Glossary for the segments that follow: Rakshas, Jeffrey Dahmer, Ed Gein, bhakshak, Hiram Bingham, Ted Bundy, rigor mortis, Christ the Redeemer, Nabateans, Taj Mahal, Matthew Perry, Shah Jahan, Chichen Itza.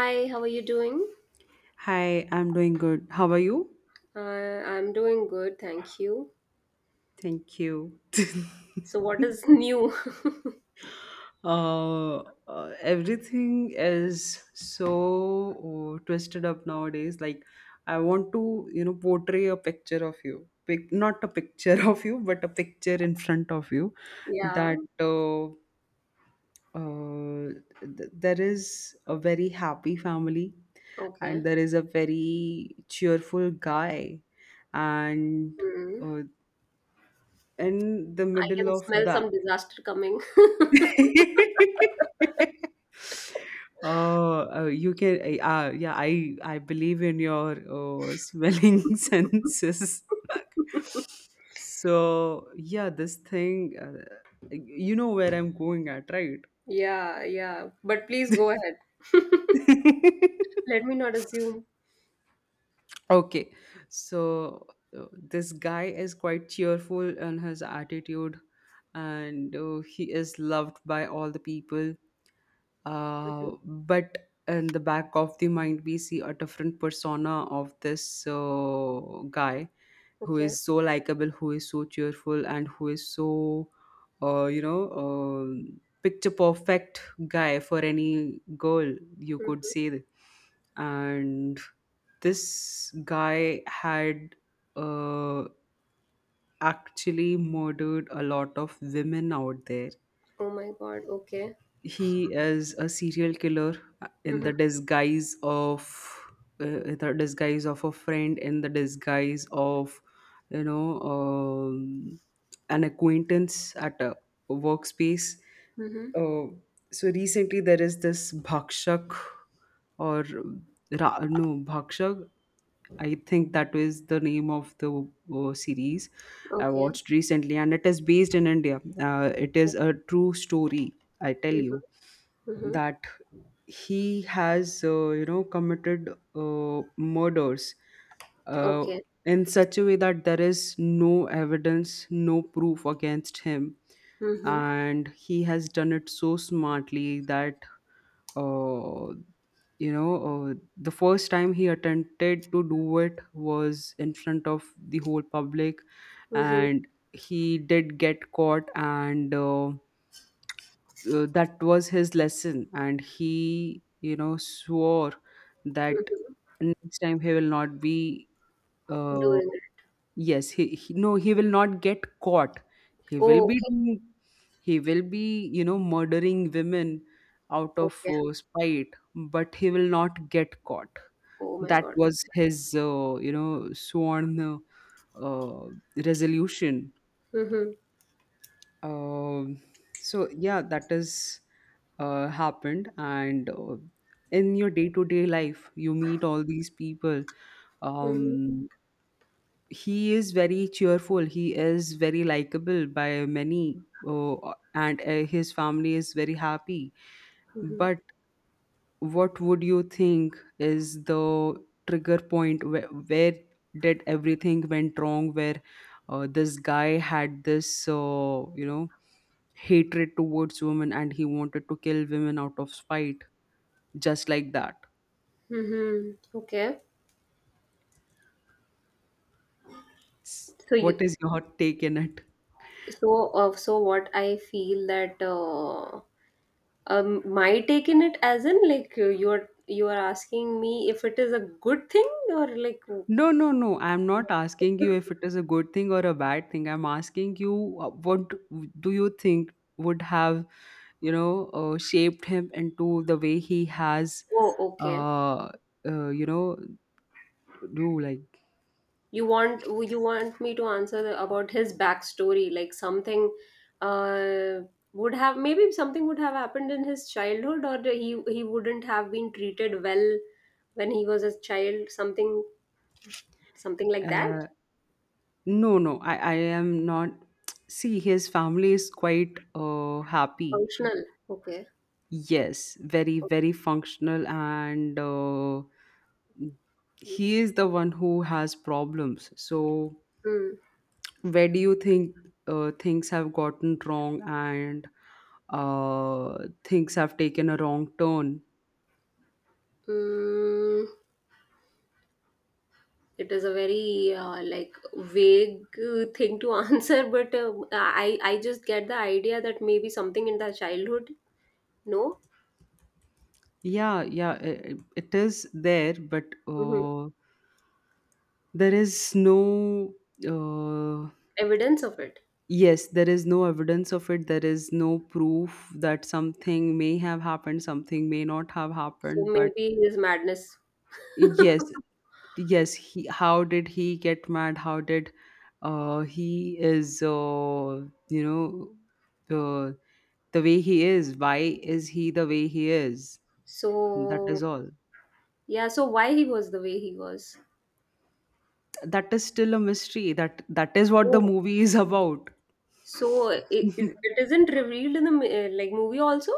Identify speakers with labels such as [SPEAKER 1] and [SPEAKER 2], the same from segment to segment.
[SPEAKER 1] Hi, how are you doing?
[SPEAKER 2] Hi, I'm doing good. How are you?
[SPEAKER 1] I'm doing good, thank you.
[SPEAKER 2] Thank you.
[SPEAKER 1] So, what is new?
[SPEAKER 2] Everything is so twisted up nowadays. I want to, you know, portray a picture of you. Not a picture of you, but a picture in front of you
[SPEAKER 1] Yeah,
[SPEAKER 2] that uh, there is a very happy family, and
[SPEAKER 1] okay.
[SPEAKER 2] there is a very cheerful guy, and
[SPEAKER 1] Hmm.
[SPEAKER 2] uh, in the
[SPEAKER 1] I
[SPEAKER 2] middle
[SPEAKER 1] can
[SPEAKER 2] of
[SPEAKER 1] smell
[SPEAKER 2] that.
[SPEAKER 1] some disaster coming.
[SPEAKER 2] Oh, you can, yeah, I believe in your smelling senses. So yeah, this thing, you know where I'm going at, right?
[SPEAKER 1] Yeah, yeah. But please go ahead. Let me not assume.
[SPEAKER 2] Okay, so this guy is quite cheerful in his attitude, and he is loved by all the people,
[SPEAKER 1] Mhm.
[SPEAKER 2] but in the back of the mind we see a different persona of this, guy who
[SPEAKER 1] Okay.
[SPEAKER 2] is so likable, who is so cheerful, and who is so you know, picture perfect guy for any girl, you could
[SPEAKER 1] Mhm.
[SPEAKER 2] say that. And this guy had, uh, actually murdered a lot of women out there.
[SPEAKER 1] Oh my God. Okay.
[SPEAKER 2] He is a serial killer in
[SPEAKER 1] Mm-hmm.
[SPEAKER 2] the disguise of, in the disguise of a friend, in the disguise of, you know, an acquaintance at a workspace.
[SPEAKER 1] Mm-hmm.
[SPEAKER 2] uh, so recently there is this bhakshak, or Ra- no bhakshak, I think that was the name of the series I
[SPEAKER 1] Okay.
[SPEAKER 2] watched recently, and it is based in india. It is a true story, I tell you,
[SPEAKER 1] Mm-hmm. Mm-hmm.
[SPEAKER 2] that he has, you know, committed murders uh,
[SPEAKER 1] Okay.
[SPEAKER 2] in such a way that there is no evidence, no proof against him.
[SPEAKER 1] Mm-hmm.
[SPEAKER 2] And he has done it so smartly that, uh, you know, the first time he attempted to do it was in front of the whole public,
[SPEAKER 1] Mm-hmm.
[SPEAKER 2] and he did get caught. And that was his lesson, and he, you know, swore that next time he will not be uh,
[SPEAKER 1] Doing it.
[SPEAKER 2] yes, he will not get caught. He will
[SPEAKER 1] Oh,
[SPEAKER 2] be
[SPEAKER 1] okay.
[SPEAKER 2] doing, he will be, you know, murdering women out of,
[SPEAKER 1] Okay.
[SPEAKER 2] spite, but he will not get caught.
[SPEAKER 1] Oh my
[SPEAKER 2] That
[SPEAKER 1] God.
[SPEAKER 2] was his, you know, sworn uh, resolution.
[SPEAKER 1] Mm-hmm.
[SPEAKER 2] um, so yeah, that is, happened, and in your day-to-day life, you meet all these people.
[SPEAKER 1] Mm-hmm.
[SPEAKER 2] Um, he is very cheerful. He is very likable by many, uh, and his family is very happy.
[SPEAKER 1] Mm-hmm.
[SPEAKER 2] But what would you think is the trigger point, where did everything went wrong, where this guy had this, you know, hatred towards women and he wanted to kill women out of spite, just like that?
[SPEAKER 1] Mm-hmm. Okay. So
[SPEAKER 2] What
[SPEAKER 1] you
[SPEAKER 2] is your take in it?
[SPEAKER 1] so what I feel that my take in it as in like you are asking me if it is a good thing or like w-
[SPEAKER 2] No, no, no, I'm not asking you if it is a good thing or a bad thing. I'm asking you, what do you think would have, you know, shaped him into the way he has.
[SPEAKER 1] oh, okay,
[SPEAKER 2] uh, you know, do like,
[SPEAKER 1] you want you want me to answer the, about his backstory like something uh, would have maybe something would have happened in his childhood or he wouldn't have been treated well when he was a child, something something like that,
[SPEAKER 2] uh, no, no, I am not. See, his family is quite happy.
[SPEAKER 1] functional, okay.
[SPEAKER 2] Yes, very, very functional, and he is the one who has problems. So,
[SPEAKER 1] Hmm.
[SPEAKER 2] where do you think things have gotten wrong and things have taken a wrong turn?
[SPEAKER 1] Mm, it is a very like vague thing to answer, but I just get the idea that maybe something in the childhood, no,
[SPEAKER 2] Yeah, yeah, it is there, but.
[SPEAKER 1] hmm,
[SPEAKER 2] There is no uh,
[SPEAKER 1] evidence of it.
[SPEAKER 2] yes, there is no evidence of it, there is no proof that something may have happened, something may not have
[SPEAKER 1] So
[SPEAKER 2] happened, but
[SPEAKER 1] maybe his madness.
[SPEAKER 2] yes. Yes, how did he get mad? How did, he is, you know, uh, the way he is, why is he the way he is? That
[SPEAKER 1] So
[SPEAKER 2] is all.
[SPEAKER 1] yeah, so why he was the way he was.
[SPEAKER 2] That is still a mystery, that is what the
[SPEAKER 1] Oh,
[SPEAKER 2] movie is about.
[SPEAKER 1] so it, it it isn't revealed in the like movie also.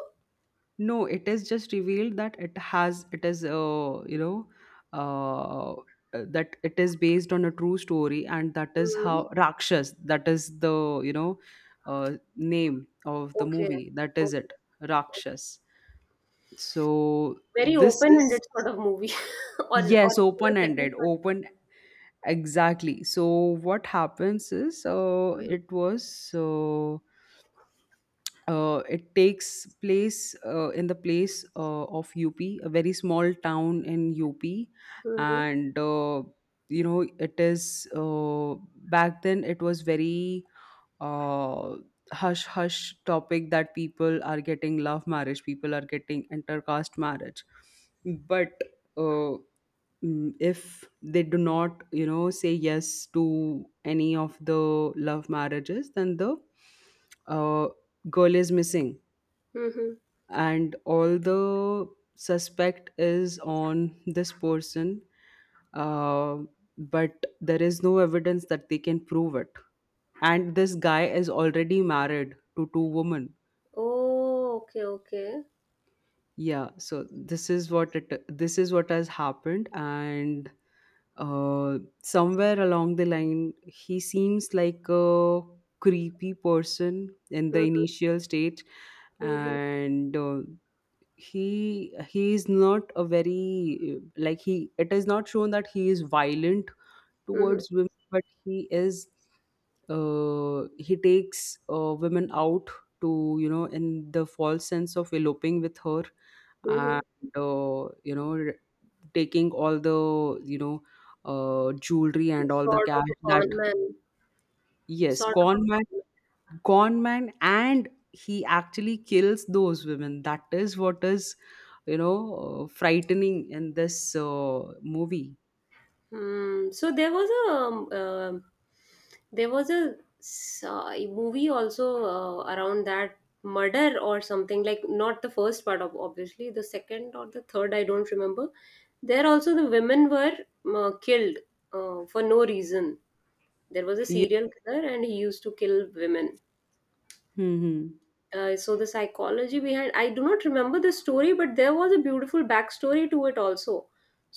[SPEAKER 2] No, it is just revealed that it is, you know, uh, that it is based on a true story, and that is
[SPEAKER 1] Hmm.
[SPEAKER 2] how Rakshas, that is the, you know, name of the
[SPEAKER 1] Okay.
[SPEAKER 2] movie. That is
[SPEAKER 1] Okay.
[SPEAKER 2] it. Rakshas. So
[SPEAKER 1] Very
[SPEAKER 2] this is,
[SPEAKER 1] open-ended sort of movie, or
[SPEAKER 2] yes,
[SPEAKER 1] the
[SPEAKER 2] open
[SPEAKER 1] second
[SPEAKER 2] ended,
[SPEAKER 1] part.
[SPEAKER 2] open, exactly. So what happens is, it was, it takes place in the place of UP, a very small town in UP,
[SPEAKER 1] Mm-hmm.
[SPEAKER 2] and you know it is, back then it was very uh, hush hush topic that people are getting love marriage, people are getting intercaste marriage, but uh, if they do not, you know, say yes to any of the love marriages, then the uh, girl is missing,
[SPEAKER 1] Mm-hmm.
[SPEAKER 2] and all the suspect is on this person. uh, but there is no evidence that they can prove it, and this guy is already married to two women.
[SPEAKER 1] Oh, okay, okay.
[SPEAKER 2] Yeah, so this is what it, this is what has happened. And somewhere along the line, he seems like a creepy person in the
[SPEAKER 1] Mhm,
[SPEAKER 2] initial stage,
[SPEAKER 1] mhm,
[SPEAKER 2] and he is not a very like he. It is not shown that he is violent
[SPEAKER 1] mhm,
[SPEAKER 2] towards women, but he is. He takes, women out to, you know, in the false sense of eloping with her, and
[SPEAKER 1] mhm.
[SPEAKER 2] you know, taking all the, you know, jewelry and all the
[SPEAKER 1] Sort of
[SPEAKER 2] cash
[SPEAKER 1] a
[SPEAKER 2] that,
[SPEAKER 1] con man,
[SPEAKER 2] yes,
[SPEAKER 1] sort of
[SPEAKER 2] con
[SPEAKER 1] a
[SPEAKER 2] man,
[SPEAKER 1] con
[SPEAKER 2] con man, and he actually kills those women. That is what is, you know, frightening in this, movie.
[SPEAKER 1] man. Hmm. So there was a there was a movie also around that murder or something like not the first part of, obviously, the second or the third, I don't remember. There also the women were killed for no reason. There was a
[SPEAKER 2] Yeah.
[SPEAKER 1] serial killer and he used to kill women.
[SPEAKER 2] Hmm.
[SPEAKER 1] So the psychology behind, I do not remember the story, but there was a beautiful backstory to it also,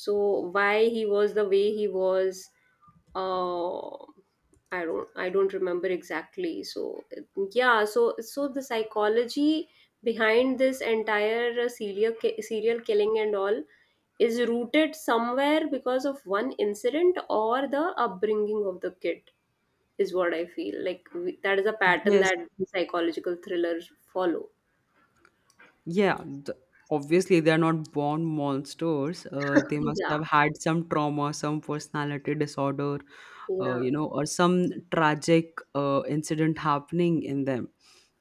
[SPEAKER 1] so why he was the way he was. Uh, i don't i don't remember exactly, so yeah, so the psychology behind this entire serial killing and all is rooted somewhere because of one incident or the upbringing of the kid, is what I feel. Like we, that is a pattern
[SPEAKER 2] Yes.
[SPEAKER 1] that psychological thrillers follow.
[SPEAKER 2] Yeah, th- obviously they're not born monsters. They must
[SPEAKER 1] Yeah,
[SPEAKER 2] have had some trauma, some personality disorder,
[SPEAKER 1] yeah.
[SPEAKER 2] you know, or some tragic incident happening in them.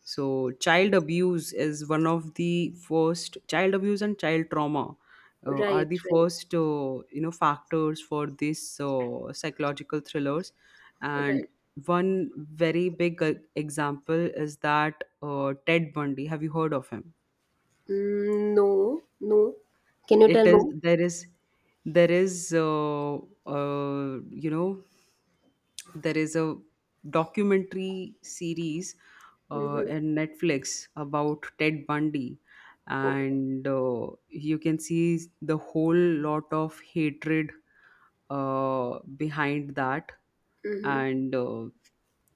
[SPEAKER 2] So child abuse is one of the first, child abuse and child trauma,
[SPEAKER 1] Right,
[SPEAKER 2] are the
[SPEAKER 1] right,
[SPEAKER 2] first, you know, factors for these, psychological thrillers. And
[SPEAKER 1] right.
[SPEAKER 2] one very big example is that, ted bundy, have you heard of him?
[SPEAKER 1] Mm, no, no. Can you
[SPEAKER 2] It
[SPEAKER 1] tell
[SPEAKER 2] is
[SPEAKER 1] more?
[SPEAKER 2] there is, there is you know, there is a documentary series
[SPEAKER 1] Mm-hmm.
[SPEAKER 2] in Netflix about Ted Bundy,
[SPEAKER 1] Okay.
[SPEAKER 2] and you can see the whole lot of hatred behind that,
[SPEAKER 1] Mm-hmm.
[SPEAKER 2] and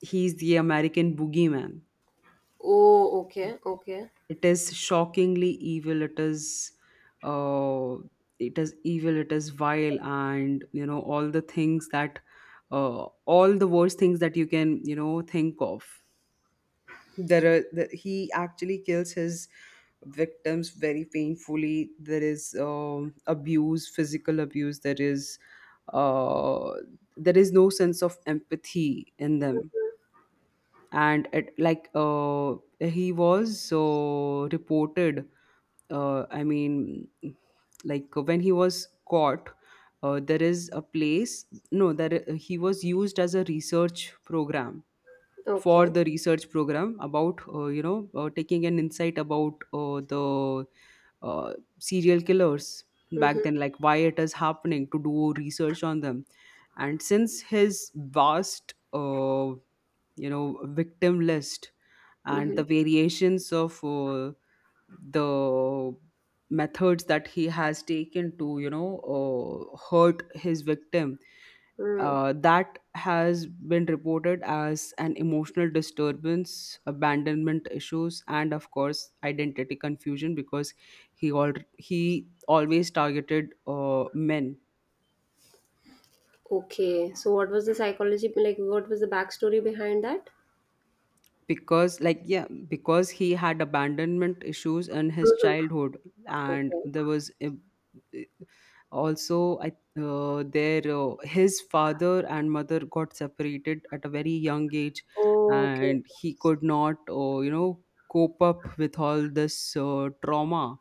[SPEAKER 2] he's the American boogeyman.
[SPEAKER 1] Oh, okay, okay.
[SPEAKER 2] It is shockingly evil, it is, uh, it is evil, it is vile, and you know, all the things that, all the worst things that you can, you know, think of, there are the, he actually kills his victims very painfully. There is, abuse, physical abuse, there is, uh, there is no sense of empathy in them. And it, he was so reported, I mean, like when he was caught, there is a place. No, there he was used as a research program, for
[SPEAKER 1] Okay.
[SPEAKER 2] the research program about, you know, taking an insight about, the, uh, serial killers back
[SPEAKER 1] Mm-hmm.
[SPEAKER 2] then, like why it is happening, to do research on them. And since his vast, you know, victim list and
[SPEAKER 1] Mm-hmm.
[SPEAKER 2] the variations of, the methods that he has taken to, you know, hurt his victim,
[SPEAKER 1] Mm.
[SPEAKER 2] that has been reported as an emotional disturbance, abandonment issues, and of course identity confusion, because he all he always targeted, men.
[SPEAKER 1] Okay. So what was the psychology, like what was the backstory behind that?
[SPEAKER 2] Because like, yeah, because he had abandonment issues in his
[SPEAKER 1] Mm-hmm.
[SPEAKER 2] childhood, and
[SPEAKER 1] Okay.
[SPEAKER 2] there was a, also, I their, his father and mother got separated at a very young age,
[SPEAKER 1] Okay.
[SPEAKER 2] and he could not, you know, cope up with all this, trauma,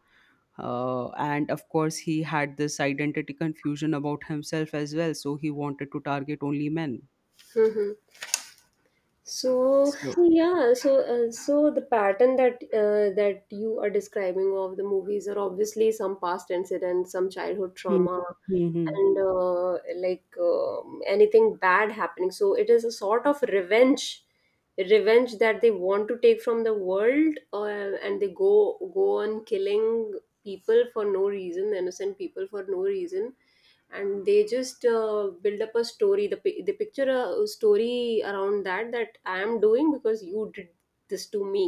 [SPEAKER 2] and of course he had this identity confusion about himself as well, so he wanted to target only men.
[SPEAKER 1] Mm-hmm. So
[SPEAKER 2] So
[SPEAKER 1] yeah, so so the pattern that that you are describing of the movies are obviously some past incidents, some childhood
[SPEAKER 2] Hmm.
[SPEAKER 1] trauma,
[SPEAKER 2] Mhm.
[SPEAKER 1] and like um, anything bad happening. So it is a sort of revenge, revenge that they want to take from the world, and they go on killing people for no reason, innocent people for no reason, and they just build up a story, they picture a story around that, that I am doing because you did this to me.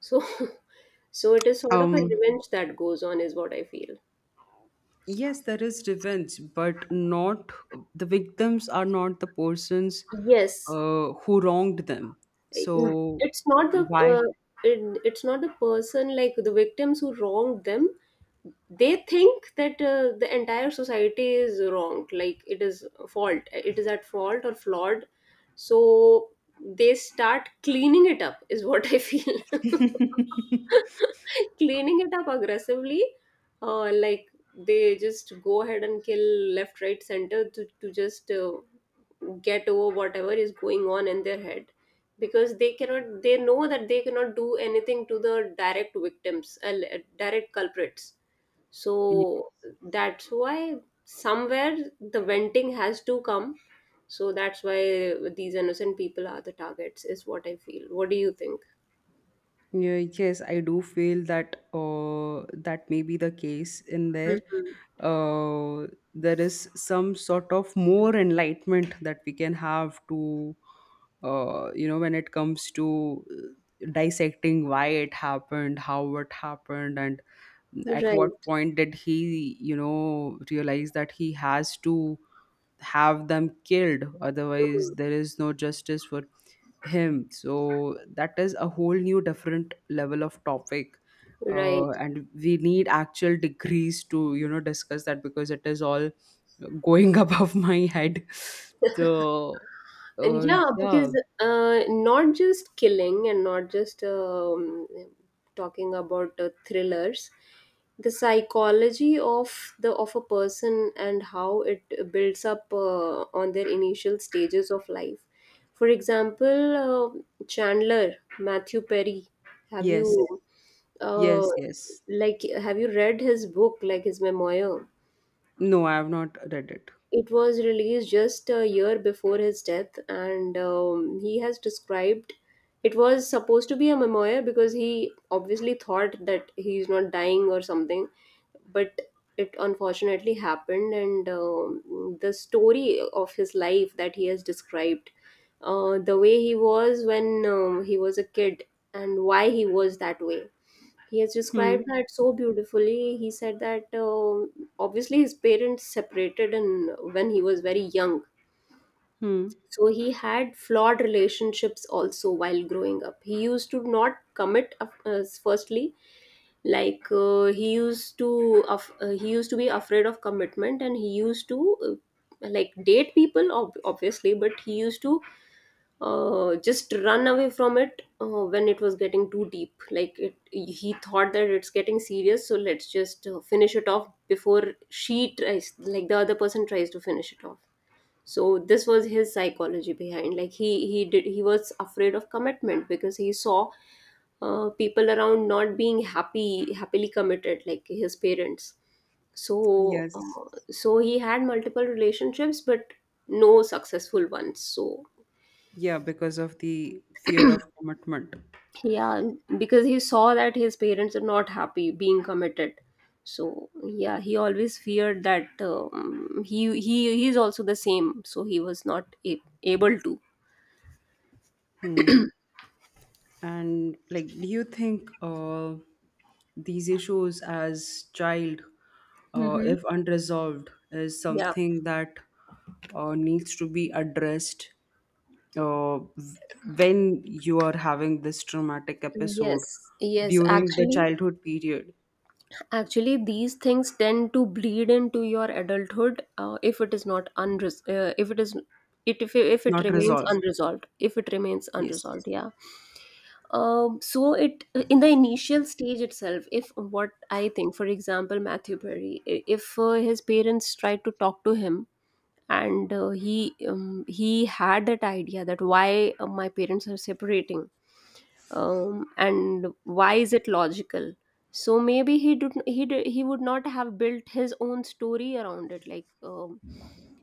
[SPEAKER 1] So so it is sort of a
[SPEAKER 2] um
[SPEAKER 1] revenge that goes on, is what I feel.
[SPEAKER 2] Yes, there is revenge, but not, the victims are not the persons,
[SPEAKER 1] Yes.
[SPEAKER 2] who wronged them. So
[SPEAKER 1] It's not the
[SPEAKER 2] why?
[SPEAKER 1] uh, it, it's not the person, like the victims who wronged them. They think that the entire society is wrong, like it is fault, it is at fault or flawed, so they start cleaning it up, is what I feel. Cleaning it up aggressively, like they just go ahead and kill left right center, to just get over whatever is going on in their head, because they cannot, they know that they cannot do anything to the direct victims, direct culprits. So that's why somewhere the venting has to come, so that's why these innocent people are the targets, is what I feel. What do you think?
[SPEAKER 2] Yeah, yes, I do feel that, that may be the case in there.
[SPEAKER 1] Mhm.
[SPEAKER 2] Uh, there is some sort of more enlightenment that we can have to, you know, when it comes to, dissecting why it happened, how it happened, and at what
[SPEAKER 1] Right.
[SPEAKER 2] point did he, you know, realize that he has to have them killed, otherwise there is no justice for him. So that is a whole new different level of topic.
[SPEAKER 1] Right.
[SPEAKER 2] And we need actual degrees to, you know, discuss that, because it is all going above my head. So
[SPEAKER 1] And
[SPEAKER 2] uh,
[SPEAKER 1] yeah,
[SPEAKER 2] yeah.
[SPEAKER 1] because not just killing, and not just talking about thrillers, the psychology of the of a person and how it builds up on their initial stages of life. For example, Chandler, Matthew Perry. Have you
[SPEAKER 2] Yes,
[SPEAKER 1] uh,
[SPEAKER 2] yes. Yes,
[SPEAKER 1] like, have you read his book, like his memoir?
[SPEAKER 2] no, I have not read it.
[SPEAKER 1] It was released just a year before his death, and he has described, it was supposed to be a memoir because he obviously thought that he's not dying or something, but it unfortunately happened. And the story of his life that he has described, the way he was when he was a kid, and why he was that way. He has
[SPEAKER 2] Hmm.
[SPEAKER 1] described that so beautifully. He said that um, obviously his parents separated and when he was very young.
[SPEAKER 2] Hmm.
[SPEAKER 1] So he had flawed relationships also while growing up. He used to not commit. Firstly, like he used to be afraid of commitment, and he used to uh, like date people obviously, but he used to just run away from it when it was getting too deep. Like it, he thought that it's getting serious, so let's just finish it off before she tries, like the other person tries to finish it off. So this was his psychology behind. Like he did he was afraid of commitment because he saw people around not being happy, happily committed, like his parents. So
[SPEAKER 2] Yes.
[SPEAKER 1] so he had multiple relationships, but no successful ones. So
[SPEAKER 2] Yeah, because of the fear of commitment.
[SPEAKER 1] yeah, because he saw that his parents are not happy being committed, so yeah, he always feared that he's also the same, so he was not a- able to
[SPEAKER 2] Hmm. And like, do you think, these issues as child,
[SPEAKER 1] Mm-hmm.
[SPEAKER 2] if unresolved, is
[SPEAKER 1] Yeah,
[SPEAKER 2] something that, needs to be addressed, uh, v- when you are having this traumatic episode
[SPEAKER 1] yes, yes,
[SPEAKER 2] during the
[SPEAKER 1] actually,
[SPEAKER 2] childhood period,
[SPEAKER 1] actually these things tend to bleed into your adulthood if it, is it if, if it
[SPEAKER 2] not
[SPEAKER 1] remains
[SPEAKER 2] resolved?
[SPEAKER 1] unresolved, if it remains
[SPEAKER 2] Yes.
[SPEAKER 1] unresolved, yeah. Um, so it in the initial stage itself, if, what I think, for example, Matthew Perry, if his parents tried to talk to him and he had that idea that why my parents are separating, and why is it logical, so maybe he did, he would not have built his own story around it, like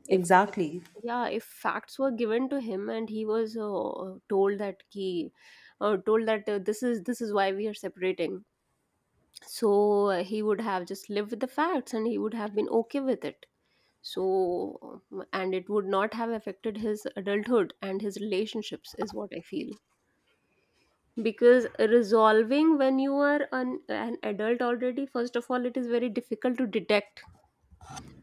[SPEAKER 1] if
[SPEAKER 2] Exactly.
[SPEAKER 1] yeah, if facts were given to him and he was told that this is why we are separating, so he would have just lived with the facts and he would have been okay with it. So and it would not have affected his adulthood and his relationships, is what I feel, because resolving when you are an adult already, first of all, it is very difficult to detect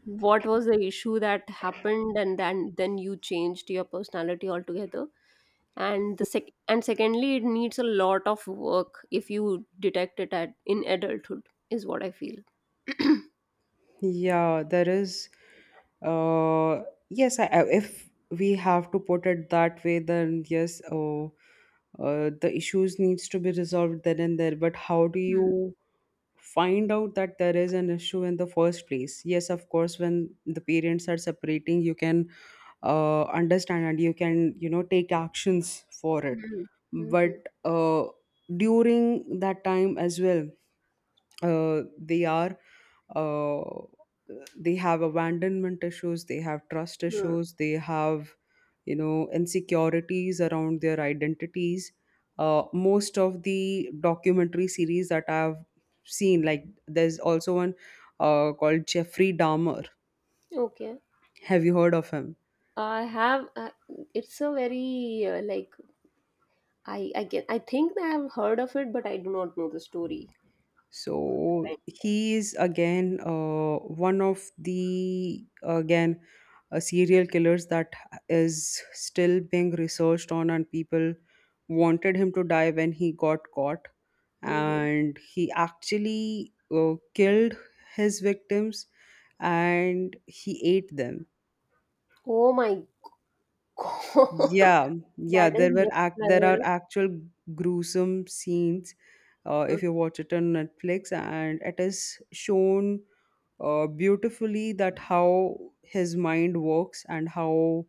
[SPEAKER 1] what was the issue that happened and then you changed your personality altogether. And the sec- and secondly, it needs a lot of work if you detect it at in adulthood, is what I feel.
[SPEAKER 2] Yeah, there is. Uh, yes, if we have to put it that way, then yes, the issues needs to be resolved then and there. But how do
[SPEAKER 1] Hmm,
[SPEAKER 2] you find out that there is an issue in the first place? Yes, of course, when the parents are separating, you can, understand and you can, you know, take actions for it.
[SPEAKER 1] hmm, hmm,
[SPEAKER 2] But during that time as well uh, they are uh, they have abandonment issues, they have trust
[SPEAKER 1] hmm, hmm.
[SPEAKER 2] issues, they have you know insecurities around their identities. Most of the documentary series that I've seen, like there's also one called Jeffrey Dahmer.
[SPEAKER 1] Okay.
[SPEAKER 2] Have you heard of him?
[SPEAKER 1] I have. It's a very like I get. I think I have heard of it, but I do not know the story.
[SPEAKER 2] So
[SPEAKER 1] Right.
[SPEAKER 2] he is again one of the again serial killers that is still being researched on, and people wanted him to die when he got caught,
[SPEAKER 1] Mhm.
[SPEAKER 2] and he actually killed his victims and he ate them.
[SPEAKER 1] Oh my god,
[SPEAKER 2] Yeah, yeah,
[SPEAKER 1] that is next
[SPEAKER 2] there are
[SPEAKER 1] level.
[SPEAKER 2] actual gruesome scenes
[SPEAKER 1] Mm.
[SPEAKER 2] if you watch it on Netflix, and it is shown beautifully that how his mind works and how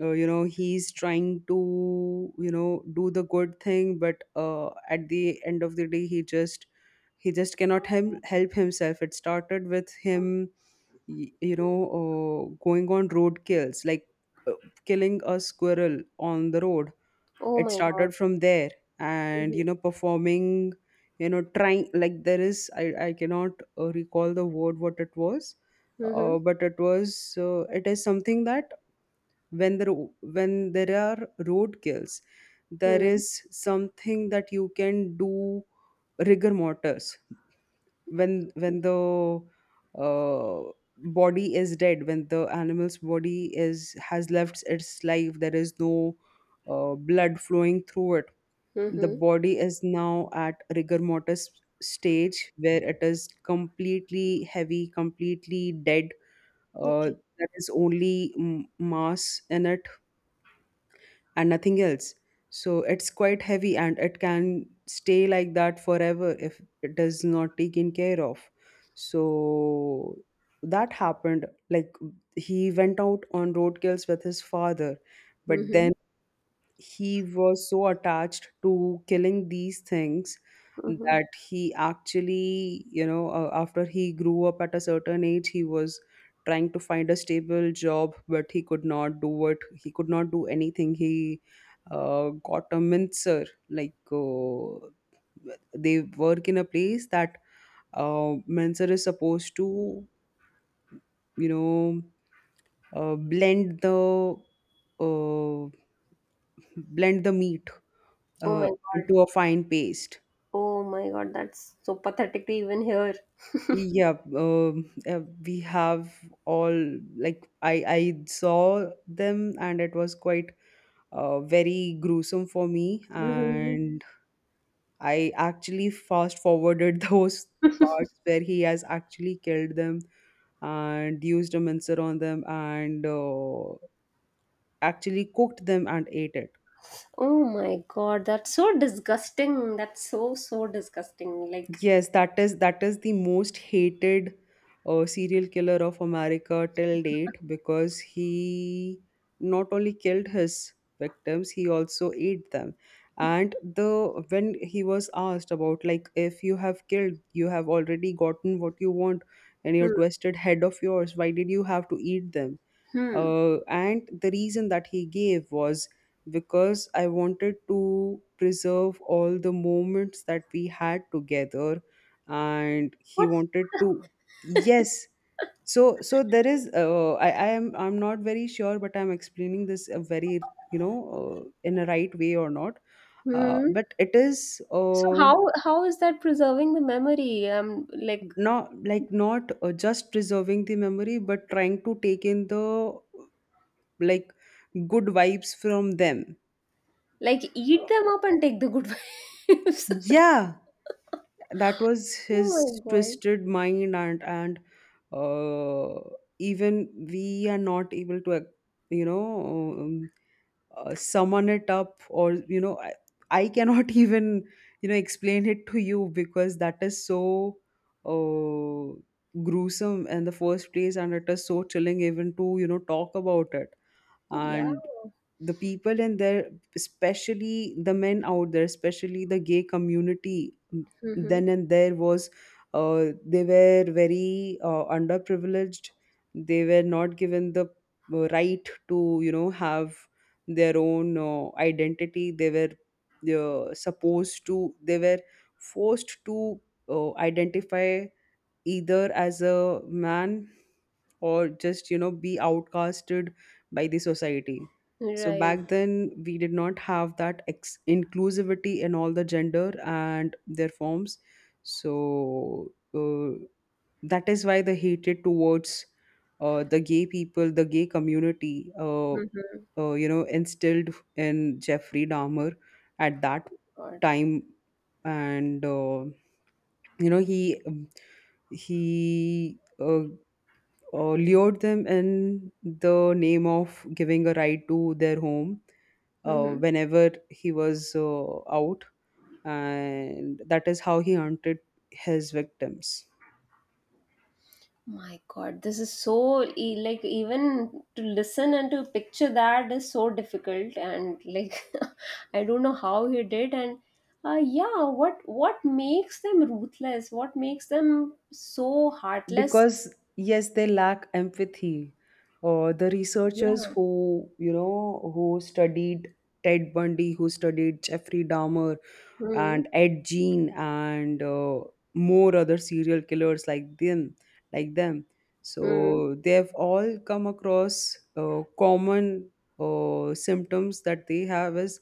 [SPEAKER 2] you know he's trying to you know do the good thing, but at the end of the day he just cannot help himself. It started with him you know going on road kills, like uh, killing a squirrel on the road.
[SPEAKER 1] Oh
[SPEAKER 2] It
[SPEAKER 1] my god.
[SPEAKER 2] started from there
[SPEAKER 1] Mm-hmm.
[SPEAKER 2] and you know performing, you know, trying, like there is I cannot recall the word what it was.
[SPEAKER 1] Mm-hmm.
[SPEAKER 2] But it is something that when there when there are road kills there is something that you can do: rigor mortis. When the uh, body is dead, when the animal's body is has left its life, there is no blood flowing through it. The
[SPEAKER 1] Mm-hmm.
[SPEAKER 2] body is now at rigor mortis stage, where it is completely heavy, completely dead. Uh,
[SPEAKER 1] Okay.
[SPEAKER 2] there is only mass in it and nothing else. So it's quite heavy and it can stay like that forever if it is not taken care of. So that happened. Like, he went out on roadkills with his father, but
[SPEAKER 1] Mm-hmm.
[SPEAKER 2] then he was so attached to killing these things
[SPEAKER 1] Mm-hmm.
[SPEAKER 2] that he actually you know after he grew up at a certain age he was trying to find a stable job, but he could not do it, he could not do anything. He got a mincer, like they work in a place that mincer is supposed to you know uh, blend the uh, blend the meat
[SPEAKER 1] Oh my god.
[SPEAKER 2] into a fine paste.
[SPEAKER 1] Oh my god, that's so pathetic to even hear.
[SPEAKER 2] Yeah, we have all, like I saw them and it was quite very gruesome for me,
[SPEAKER 1] Mm-hmm.
[SPEAKER 2] and I actually fast forwarded those parts where he has actually killed them and used a mincer on them and actually cooked them and ate it.
[SPEAKER 1] Oh my god, that's so disgusting. That's so so disgusting. Like,
[SPEAKER 2] Yes, that is the most hated serial killer of America till date, because he not only killed his victims, he also ate them. And the when he was asked about, like, if you have killed, you have already gotten what you want and your
[SPEAKER 1] hmm.
[SPEAKER 2] twisted head of yours, why did you have to eat them?
[SPEAKER 1] Hmm.
[SPEAKER 2] And the reason that he gave was because I wanted to preserve all the moments that we had together, and he
[SPEAKER 1] What?
[SPEAKER 2] wanted to, yes. So there is. I am. I'm not very sure, but I'm explaining this a very, you know, in a right way or not.
[SPEAKER 1] Hmm.
[SPEAKER 2] But it is
[SPEAKER 1] So how is that preserving the memory? Like
[SPEAKER 2] not like, not just preserving the memory, but trying to take in the, like, good vibes from them.
[SPEAKER 1] like eat them up and take the good vibes.
[SPEAKER 2] Yeah, that was his
[SPEAKER 1] Oh my god.
[SPEAKER 2] twisted mind. And uh, Even we are not able to, you know, um, summon it up, or you know, I cannot even, you know, explain it to you, because that is so uh, gruesome in the first place, and it is so chilling even to you know talk about it.
[SPEAKER 1] Yeah.
[SPEAKER 2] And the people in there, especially the men out there, especially the gay community,
[SPEAKER 1] Mm-hmm.
[SPEAKER 2] then and there was they were very underprivileged. They were not given the right to you know have their own identity. They were forced to identify either as a man or just you know be outcasted by the society. So
[SPEAKER 1] Right.
[SPEAKER 2] back then we did not have that inclusivity in all the gender and their forms. So that is why the hatred towards the gay people, the gay community,
[SPEAKER 1] Mm-hmm.
[SPEAKER 2] you know instilled in Jeffrey Dahmer at that
[SPEAKER 1] God.
[SPEAKER 2] time. And you know he lured them in the name of giving a ride to their home
[SPEAKER 1] Mm-hmm.
[SPEAKER 2] whenever he was out. And that is how he hunted his victims.
[SPEAKER 1] My God, this is so like even to listen and to picture that is so difficult, and like I don't know how he did. And yeah, what makes them ruthless? What makes them so heartless?
[SPEAKER 2] Because, yes, they lack empathy. The researchers
[SPEAKER 1] Yeah.
[SPEAKER 2] who, you know, who studied Ted Bundy, who studied Jeffrey Dahmer,
[SPEAKER 1] Hmm.
[SPEAKER 2] and Ed Gein, and more other serial killers like them, like them.
[SPEAKER 1] Hmm.
[SPEAKER 2] So they have all come across common symptoms that they have is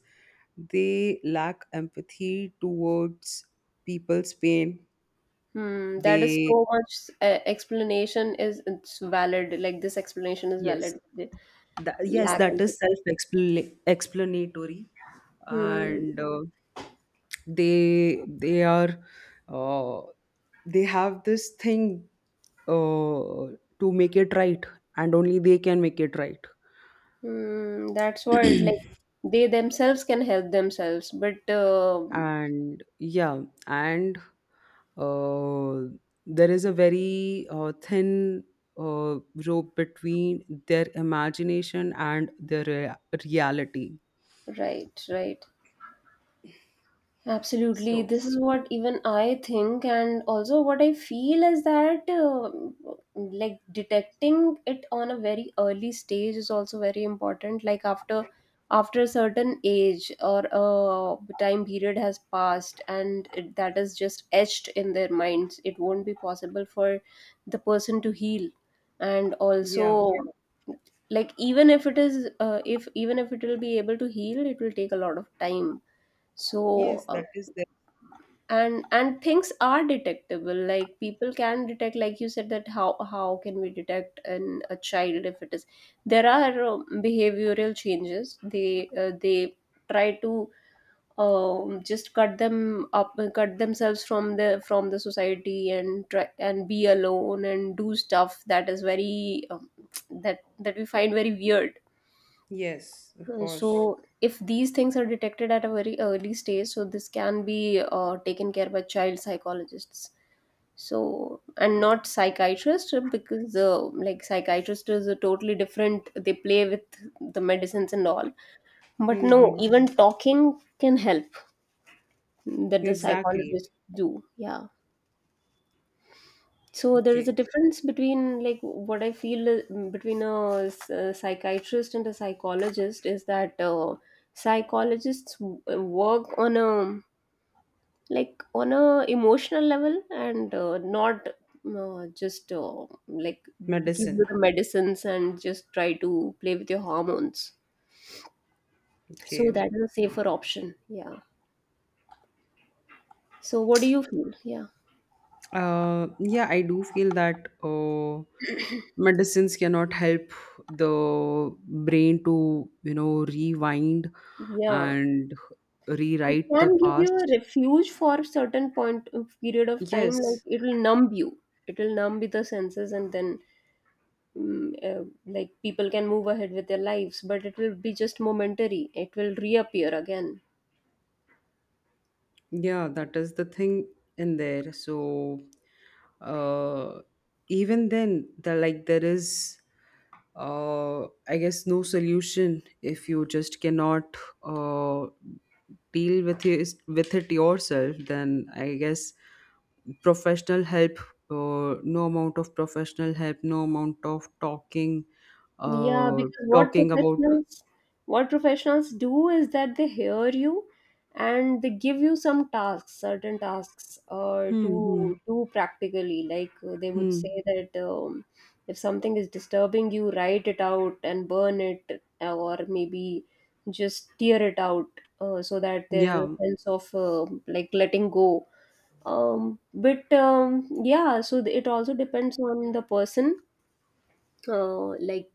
[SPEAKER 2] they lack empathy towards people's pain.
[SPEAKER 1] Hmm. That is
[SPEAKER 2] They
[SPEAKER 1] so much explanation, is it's valid. Like this explanation is
[SPEAKER 2] yes.
[SPEAKER 1] valid. The
[SPEAKER 2] Yes,
[SPEAKER 1] lack
[SPEAKER 2] that
[SPEAKER 1] and
[SPEAKER 2] is self-explanatory,
[SPEAKER 1] hmm.
[SPEAKER 2] and they are uh, they have this thing uh, to make it right, and only they can make it right.
[SPEAKER 1] Hmm. That's what like they themselves can help themselves but
[SPEAKER 2] And yeah, and uh, there is a very thin uh, rope between their imagination and their reality.
[SPEAKER 1] right, right. Absolutely.
[SPEAKER 2] So
[SPEAKER 1] This is what even I think, and also what I feel is that like detecting it on a very early stage is also very important. Like after after a certain age or a time period has passed, and it, that is just etched in their minds, it won't be possible for the person to heal. And
[SPEAKER 2] yeah,
[SPEAKER 1] also, yeah, like even if it is, if, even if it will be able to heal, it will take a lot of time, so
[SPEAKER 2] yes, that is.
[SPEAKER 1] and things are detectable, like people can detect, like you said that how can we detect in a child, if it is, there are behavioral changes, they try to just cut them up, cut themselves from the society, and try and be alone and do stuff that is very that that we find very weird.
[SPEAKER 2] Yes, of course.
[SPEAKER 1] So, if these things are detected at a very early stage, so this can be taken care by child psychologists. So, and not psychiatrists, because like psychiatrist is a totally different. They play with the medicines and all, but no,
[SPEAKER 2] Mm-hmm.
[SPEAKER 1] even talking can help that the
[SPEAKER 2] Exactly.
[SPEAKER 1] psychologists do. Yeah. So there is a
[SPEAKER 2] Okay.
[SPEAKER 1] difference between, like what I feel between a, a psychiatrist and a psychologist, is that psychologists work on a like on a emotional level, and not just like give
[SPEAKER 2] Medicine.
[SPEAKER 1] you the medicines and just try to play with your hormones. So
[SPEAKER 2] Okay.
[SPEAKER 1] that is a safer option. Yeah. So what do you feel? Yeah.
[SPEAKER 2] Yeah, I do feel that medicines cannot help the brain to, you know, rewind
[SPEAKER 1] Yeah.
[SPEAKER 2] and
[SPEAKER 1] It
[SPEAKER 2] rewrite the
[SPEAKER 1] can give you a
[SPEAKER 2] past.
[SPEAKER 1] refuge for a certain point of period of time. Like
[SPEAKER 2] Yes.
[SPEAKER 1] it will numb you. It will numb with the senses, and then like people can move ahead with their lives. But it will be just momentary. It will reappear again.
[SPEAKER 2] Yeah, that is the thing in there. So, uh, even then, the like there is, I guess, no solution if you just cannot uh, deal with it yourself. Then I guess professional help, no amount of professional help, no amount of talking,
[SPEAKER 1] Yeah,
[SPEAKER 2] uh,
[SPEAKER 1] because
[SPEAKER 2] talking about,
[SPEAKER 1] what professionals do is that they hear you and they give you some tasks, certain tasks
[SPEAKER 2] hmm, hmm,
[SPEAKER 1] to do practically. Like they would say
[SPEAKER 2] hmm,
[SPEAKER 1] that if something is disturbing you, write it out and burn it, or maybe just tear it out, so that there is a
[SPEAKER 2] yeah,
[SPEAKER 1] sense of like letting go. But yeah, so it also depends on the person. Uh, like.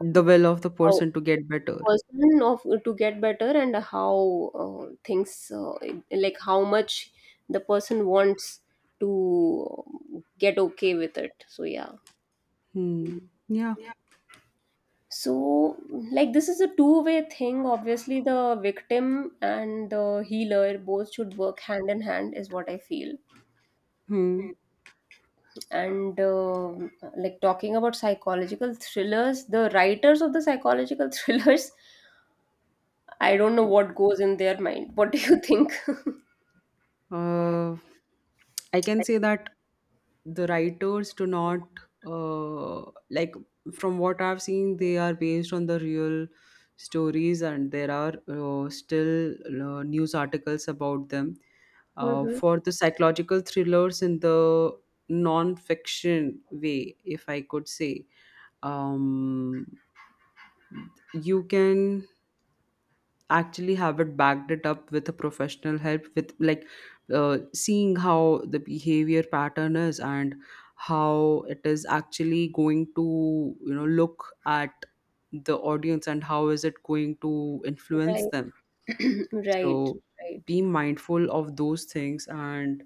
[SPEAKER 2] the will of the
[SPEAKER 1] how
[SPEAKER 2] person to
[SPEAKER 1] the
[SPEAKER 2] get better.
[SPEAKER 1] person of to get better, and how things like how much the person wants to get okay with it, so yeah.
[SPEAKER 2] Hmm. Yeah.
[SPEAKER 1] Yeah. So like this is a two-way thing, obviously the victim and the healer, both should work hand in hand, is what I feel.
[SPEAKER 2] Hmm.
[SPEAKER 1] And um, like talking about psychological thrillers, the writers of the psychological thrillers, I don't know what goes in their mind. What do you think?
[SPEAKER 2] Uh, I can say that the writers do not uh, like, from what I've seen, they are based on the real stories, and there are still news articles about them.
[SPEAKER 1] Mm-hmm.
[SPEAKER 2] For the psychological thrillers in the non-fiction way, if I could say, um, you can actually have it backed it up with a professional help, with like seeing how the behavior pattern is and how it is actually going to you know look at the audience and how is it going to influence
[SPEAKER 1] Right.
[SPEAKER 2] them.
[SPEAKER 1] Right.
[SPEAKER 2] So
[SPEAKER 1] Right.
[SPEAKER 2] be mindful of those things, and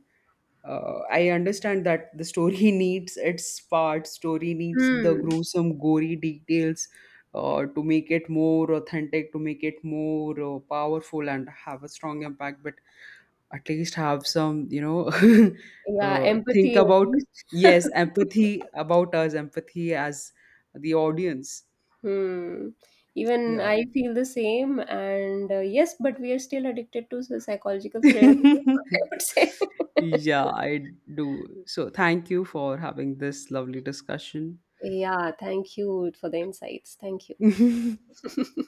[SPEAKER 2] I understand that the story needs its part, story needs the
[SPEAKER 1] Hmm.
[SPEAKER 2] gruesome, gory details to make it more authentic, to make it more powerful and have a strong impact, but at least have some, you know,
[SPEAKER 1] Yeah,
[SPEAKER 2] think
[SPEAKER 1] empathy at
[SPEAKER 2] about,
[SPEAKER 1] least.
[SPEAKER 2] yes, empathy about us, empathy as the audience.
[SPEAKER 1] Hmm. Even
[SPEAKER 2] Yeah.
[SPEAKER 1] I feel the same, and yes, but we are still addicted to the psychological thriller.
[SPEAKER 2] Yeah,
[SPEAKER 1] I would say.
[SPEAKER 2] I do. So thank you for having this lovely discussion.
[SPEAKER 1] Yeah, thank you for the insights. Thank you.